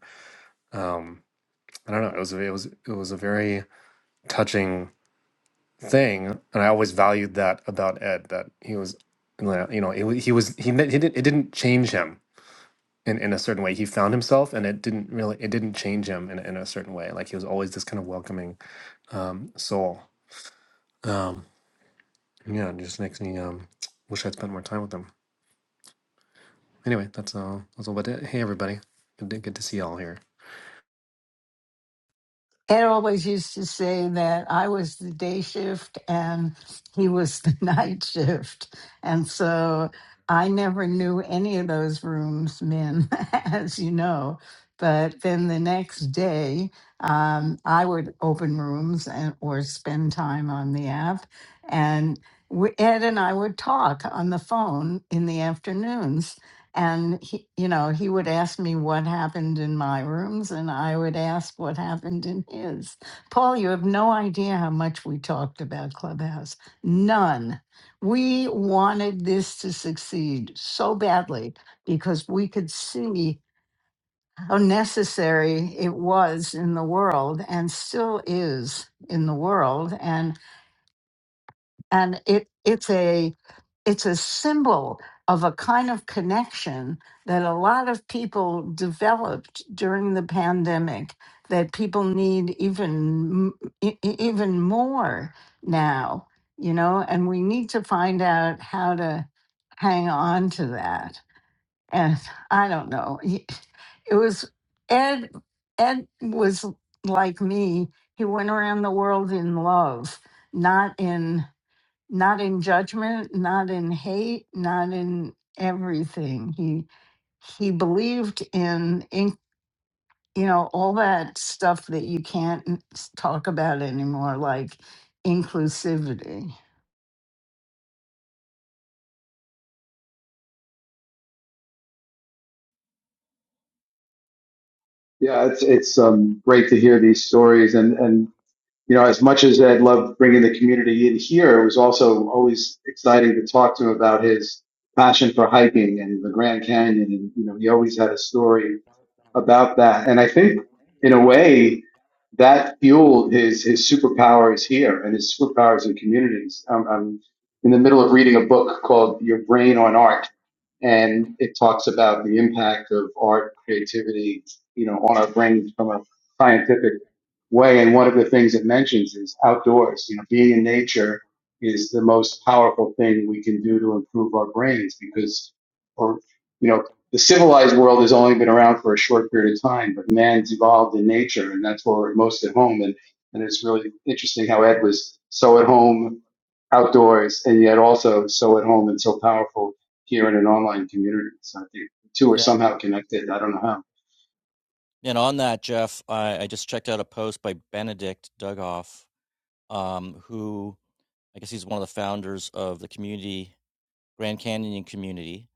I don't know. It was, it was, it was a very touching thing. And I always valued that about Ed, that he was, you know, it, wa- he was, he, ne- he did, it didn't change him in, in a certain way. He found himself and it didn't really, it didn't change him in, in a certain way. Like he was always this kind of welcoming, um, soul. Um, yeah, it just makes me, um, wish I'd spent more time with him. anyway, that's all. That's all. But hey, everybody, good to, good to see y'all here. Ed always used to say that I was the day shift and he was the *laughs* night shift. And so I never knew any of those rooms men, *laughs* as you know. But then the next day, um, I would open rooms and or spend time on the app. And we, Ed and I would talk on the phone in the afternoons and he, you know, he would ask me what happened in my rooms, and I would ask what happened in his. Paul, you have no idea how much we talked about Clubhouse. None. We wanted this to succeed so badly because we could see how necessary it was in the world and still is in the world. and and it it's a it's a symbol of a kind of connection that a lot of people developed during the pandemic that people need even m- e- e- even more now you know and we need to find out how to hang on to that and i don't know y- it was ed ed was like me he went around the world in love not in not in judgment, not in hate, not in everything. He he believed in in you know all that stuff that you can't n- s- talk about anymore, like inclusivity, Yeah, it's it's um, great to hear these stories, and and you know, as much as Ed loved bringing the community in here, it was also always exciting to talk to him about his passion for hiking and the Grand Canyon, and you know, he always had a story about that. And I think in a way that fueled his his superpowers here and his superpowers in communities. I'm, I'm in the middle of reading a book called Your Brain on Art, and it talks about the impact of art creativity, you know, on our brains from a scientific way. And one of the things it mentions is outdoors. You know, being in nature is the most powerful thing we can do to improve our brains because, or you know, the civilized world has only been around for a short period of time, but man's evolved in nature, and that's where we're most at home. And, and it's really interesting how Ed was so at home outdoors, and yet also so at home and so powerful here in an online community. So I think the two are yeah. somehow connected. I don't know how. And on that, Jeff, I, I just checked out a post by Benedict Dugoff, um, who I guess he's one of the founders of the community, Grand Canyon community.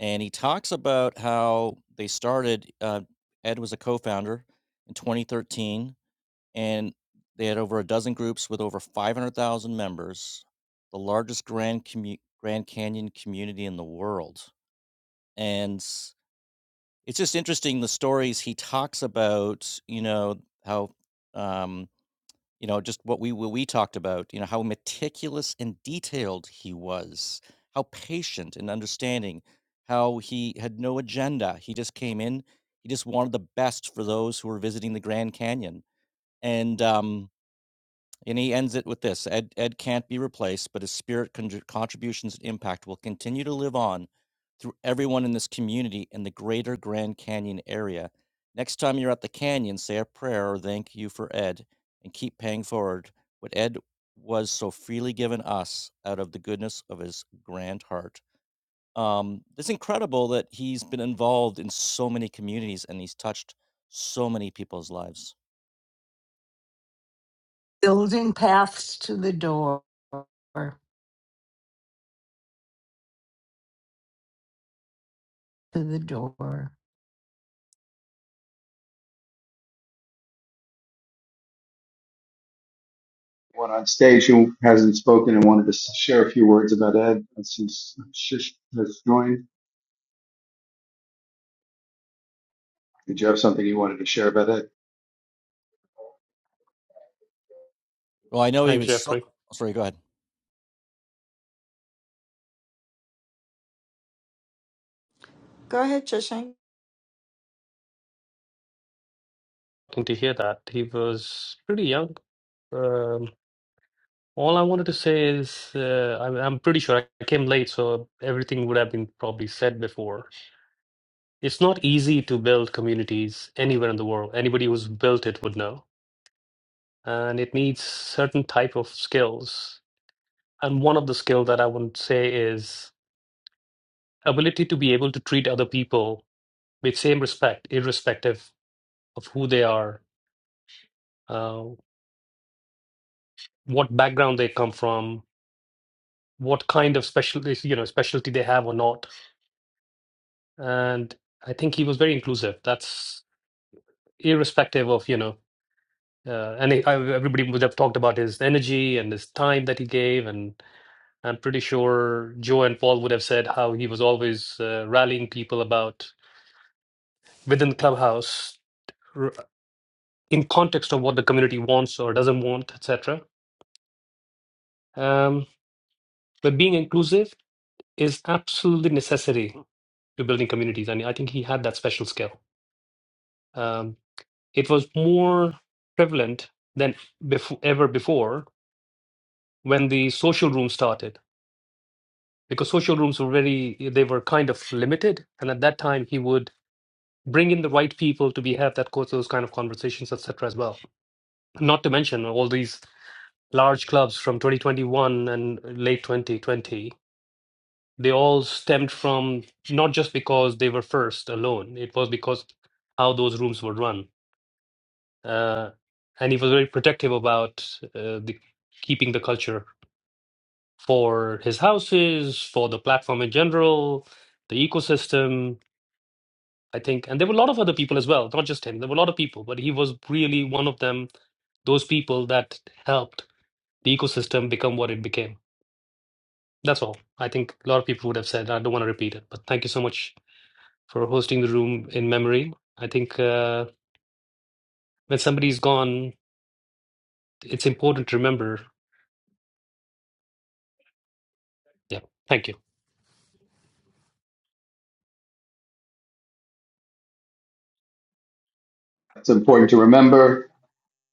And he talks about how they started, uh, Ed was a co founder in 2013, and they had over a dozen groups with over 500,000 members, the largest Grand, commu- Grand Canyon community in the world. And s- it's just interesting the stories he talks about, you know, how um, you know, just what we what we talked about, you know, how meticulous and detailed he was, how patient and understanding, how he had no agenda. He just came in. He just wanted the best for those who were visiting the Grand Canyon. And um and he ends it with this Ed, Ed can't be replaced, but his spirit, con- contributions, and impact will continue to live on through everyone in this community and the greater Grand Canyon area. Next time you're at the canyon, say a prayer or thank you for Ed and keep paying forward what Ed was so freely given us out of the goodness of his grand heart. Um, it's incredible that he's been involved in so many communities and he's touched so many people's lives. building paths to the door, to the door. One on stage who hasn't spoken and wanted to share a few words about Ed since Shish has joined. Did you have something you wanted to share about Ed? Well, I know he Hi, was so. Jeffrey. Sorry, go ahead. go ahead, Chishang. Good to hear that. He was pretty young. Um, all I wanted to say is uh, I'm, I'm pretty sure I came late, so everything would have been probably said before. It's not easy to build communities anywhere in the world. Anybody who's built it would know. And it needs certain type of skills. And one of the skill that I would say is ability to be able to treat other people with same respect, irrespective of who they are, uh, what background they come from, what kind of specialty you know specialty they have or not and i think he was very inclusive that's irrespective of you know uh, and he, I, everybody would have talked about his energy and his time that he gave and i'm pretty sure joe and paul would have said how he was always uh, rallying people about within the clubhouse r- in context of what the community wants or doesn't want etc um, but being inclusive is absolutely necessary to building communities and i think he had that special skill Um, it was more prevalent than before, ever before when the social room started because social rooms were very they were kind of limited and at that time he would bring in the right people to be have that co- those kind of conversations etc as well not to mention all these large clubs from 2021 and late 2020 they all stemmed from not just because they were first alone it was because how those rooms were run uh, and he was very protective about uh, the, keeping the culture for his houses, for the platform in general, the ecosystem. I think, and there were a lot of other people as well, not just him. There were a lot of people, but he was really one of them. Those people that helped the ecosystem become what it became. That's all. I think a lot of people would have said. I don't want to repeat it, but thank you so much for hosting the room in memory. I think uh, when somebody's gone, it's important to remember. Yeah, thank you. It's important to remember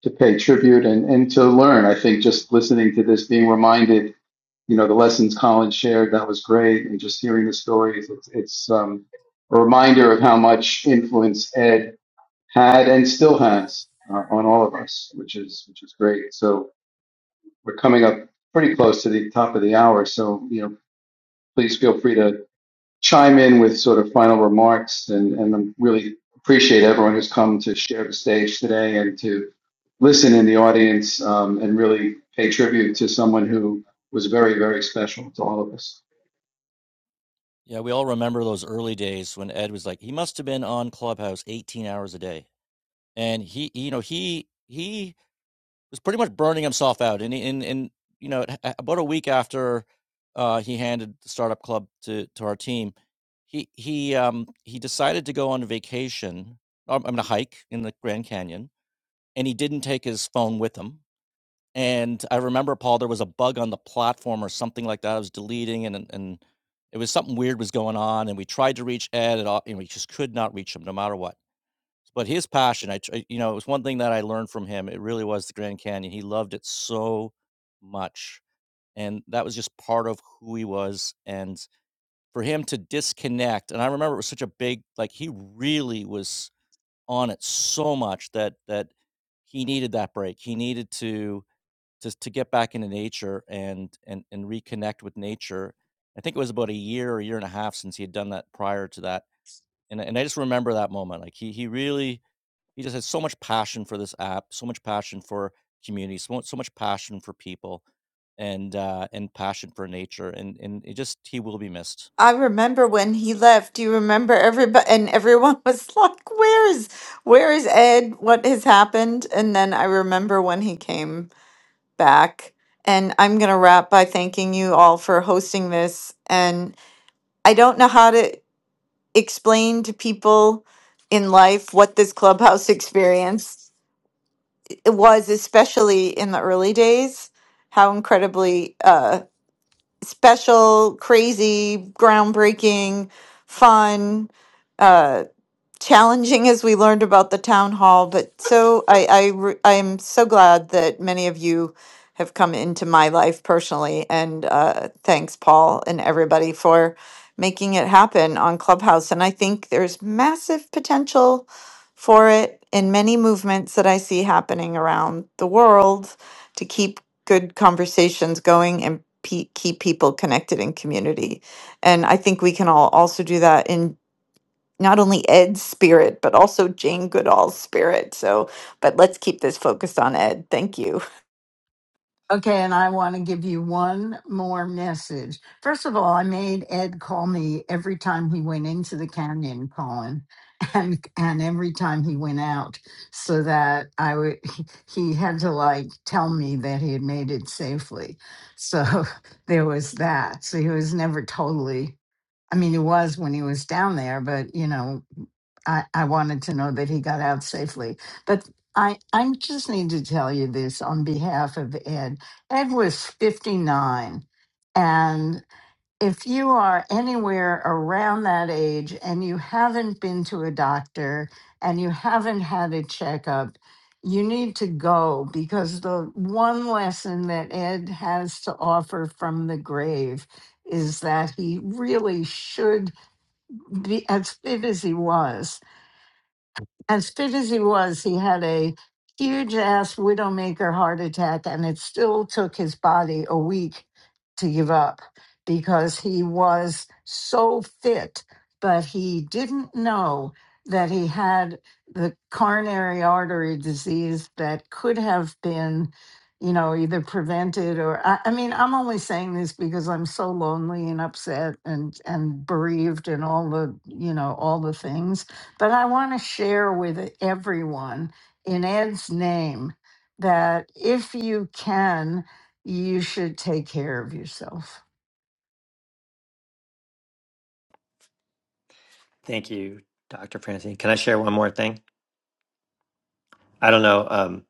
to pay tribute and, and to learn. I think just listening to this, being reminded, you know, the lessons Colin shared, that was great. And just hearing the stories, it's, it's um, a reminder of how much influence Ed had and still has uh, on all of us, which is, which is great. So we're coming up pretty close to the top of the hour. So, you know, please feel free to chime in with sort of final remarks and, and I really appreciate everyone who's come to share the stage today and to listen in the audience um, and really pay tribute to someone who was very, very special to all of us. Yeah, we all remember those early days when Ed was like, he must have been on Clubhouse 18 hours a day. And he, you know, he he was pretty much burning himself out. And in in you know, a- about a week after uh, he handed the startup club to to our team, he he um he decided to go on vacation. I'm, I'm gonna hike in the Grand Canyon, and he didn't take his phone with him. And I remember, Paul, there was a bug on the platform or something like that. I was deleting, and and it was something weird was going on. And we tried to reach Ed, and, all, and we just could not reach him, no matter what. But his passion, I tr- you know, it was one thing that I learned from him. It really was the Grand Canyon. He loved it so much, and that was just part of who he was. And for him to disconnect, and I remember it was such a big, like he really was on it so much that that he needed that break. He needed to to to get back into nature and and and reconnect with nature. I think it was about a year or a year and a half since he had done that prior to that, and I- and I just remember that moment. Like he he really he just has so much passion for this app, so much passion for community, so, much- so much passion for people, and uh, and passion for nature, and and it just he will be missed. I remember when he left. Do you remember everybody? And everyone was *laughs* like, "Where is, where is Ed? What has happened?" And then I remember when he came back. And I'm gonna wrap by thanking you all for hosting this. And I don't know how to explain to people in life what this clubhouse *laughs* experience was, especially in the early days. How incredibly uh. special, crazy, groundbreaking, fun. uh, challenging as we learned about the town hall, but so I, I re- I'm so glad that many of you have come into my life personally, and uh, thanks, Paul and everybody for making it happen on Clubhouse. And I think there's massive potential for it in many movements that I see happening around the world to keep good conversations going and pe- keep people connected in community. And I think we can all also do that in not only Ed's spirit, but also Jane Goodall's spirit. So, but let's keep this focused on Ed. Thank you. Okay, and I want to give you one more message. First of all, I made Ed call me every time he went into the canyon, Colin, *laughs* and and every time he went out, so that I would he had to like tell me that he had made it safely. So *laughs* there was that. So he was never totally. I mean, he was when he was down there, but you know, I, I wanted to know that he got out safely. But I, I just need to tell you this on behalf of Ed. Ed was 59. And if you are anywhere around that age and you haven't been to a doctor and you haven't had a checkup, you need to go because the one lesson that Ed has to offer from the grave is that he really should be as fit as he was as fit as he was, he had a huge ass widowmaker heart attack, and it still took his body a week to give up because he was so fit, but he didn't know that he had the coronary artery disease that could have been you know either prevented or I, I mean i'm only saying this because i'm so lonely and upset and and bereaved and all the you know all the things but I want to share with everyone in Ed's name that if you can, you should take care of yourself. Thank you, Dr. Francine. Can I share one more thing? I don't know. Um,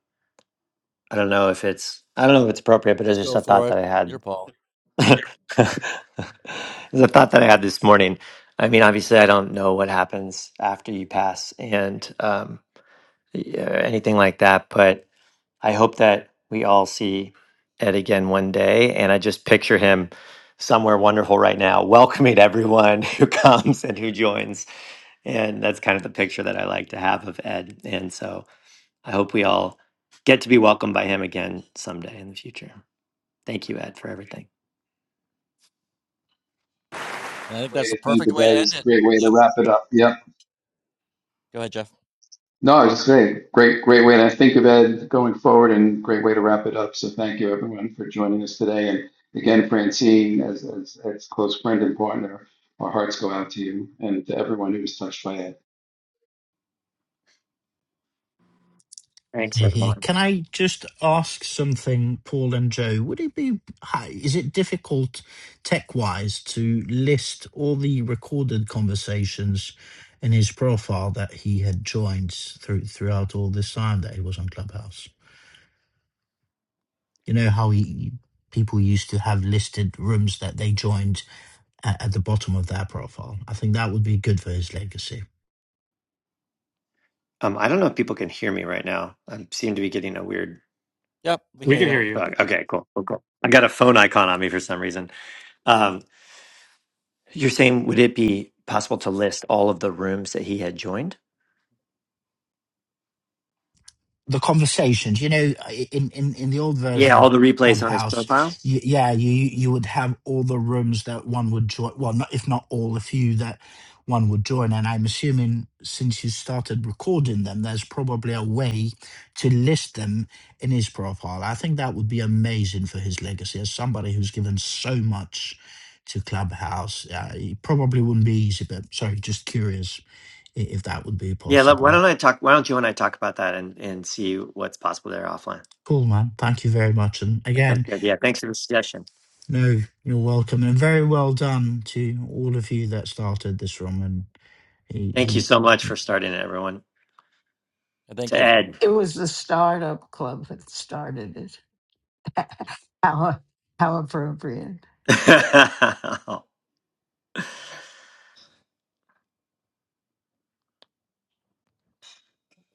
I don't know if it's I don't know if it's appropriate, but it's Just just go a thought for it, that I your had. Paul. *laughs* it's a thought that I had this morning. I mean, obviously, I don't know what happens after you pass and um, yeah, anything like that, but. I hope that we all see Ed again one day. And I just picture him somewhere wonderful right now, welcoming everyone *laughs* who comes and who joins. And that's kind of the picture that I like to have of Ed. And so I hope we all get to be welcomed by him again someday in the future. Thank you, Ed, for everything. And I think Way that's the to think perfect of way to Ed end is a it. great way to Yep. wrap it up. Yep. Go ahead, Jeff. No, I was just saying, great, great way to think of Ed going forward and great way to wrap it up. So thank you everyone for joining us today. And again, Francine, as, as, as close friend and partner, our hearts go out to you and to everyone who was touched by Ed. Thanks, Here, everyone. Can I just ask something, Paul and Joe? Would it be, is it difficult tech wise to list all the recorded conversations in his profile that he had joined through, throughout all this time that he was on Clubhouse? You know how he, people used to have listed rooms that they joined at, at the bottom of their profile? I think that would be good for his legacy. Um, I don't know if people can hear me right now. I seem to be getting a weird Yep, we We can can hear you. hear you. bug. Okay, cool. cool, cool. I got a phone icon on me for some reason. Um, You're saying, would it be possible to list all of the rooms that he had joined? the conversations. You know, in in in the old Yeah, version all of the replays on his Clubhouse, profile. you, yeah, you you would have all the rooms that one would join. Well, not if not all, a few that one would join. And I'm assuming since you started recording them, there's probably a way to list them in his profile. I think that would be amazing for his legacy as somebody who's given so much to Clubhouse. Uh, it probably wouldn't be easy, but sorry, just curious i- if that would be Yeah, let- why possible. don't I talk? Why don't you and I talk about that and, and see what's possible there offline? Cool, man. Thank you very much. And That again, sounds good. Yeah, thanks for the suggestion. No, you're welcome, and very well done to all of you that started this room. And he, Thank he you so much for starting it, everyone. And Thank To you. Ed. It was the startup club that started it. *laughs* How, how appropriate. *laughs* all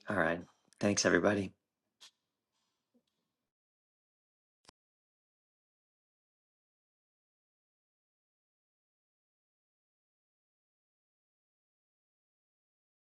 right. Thanks, everybody.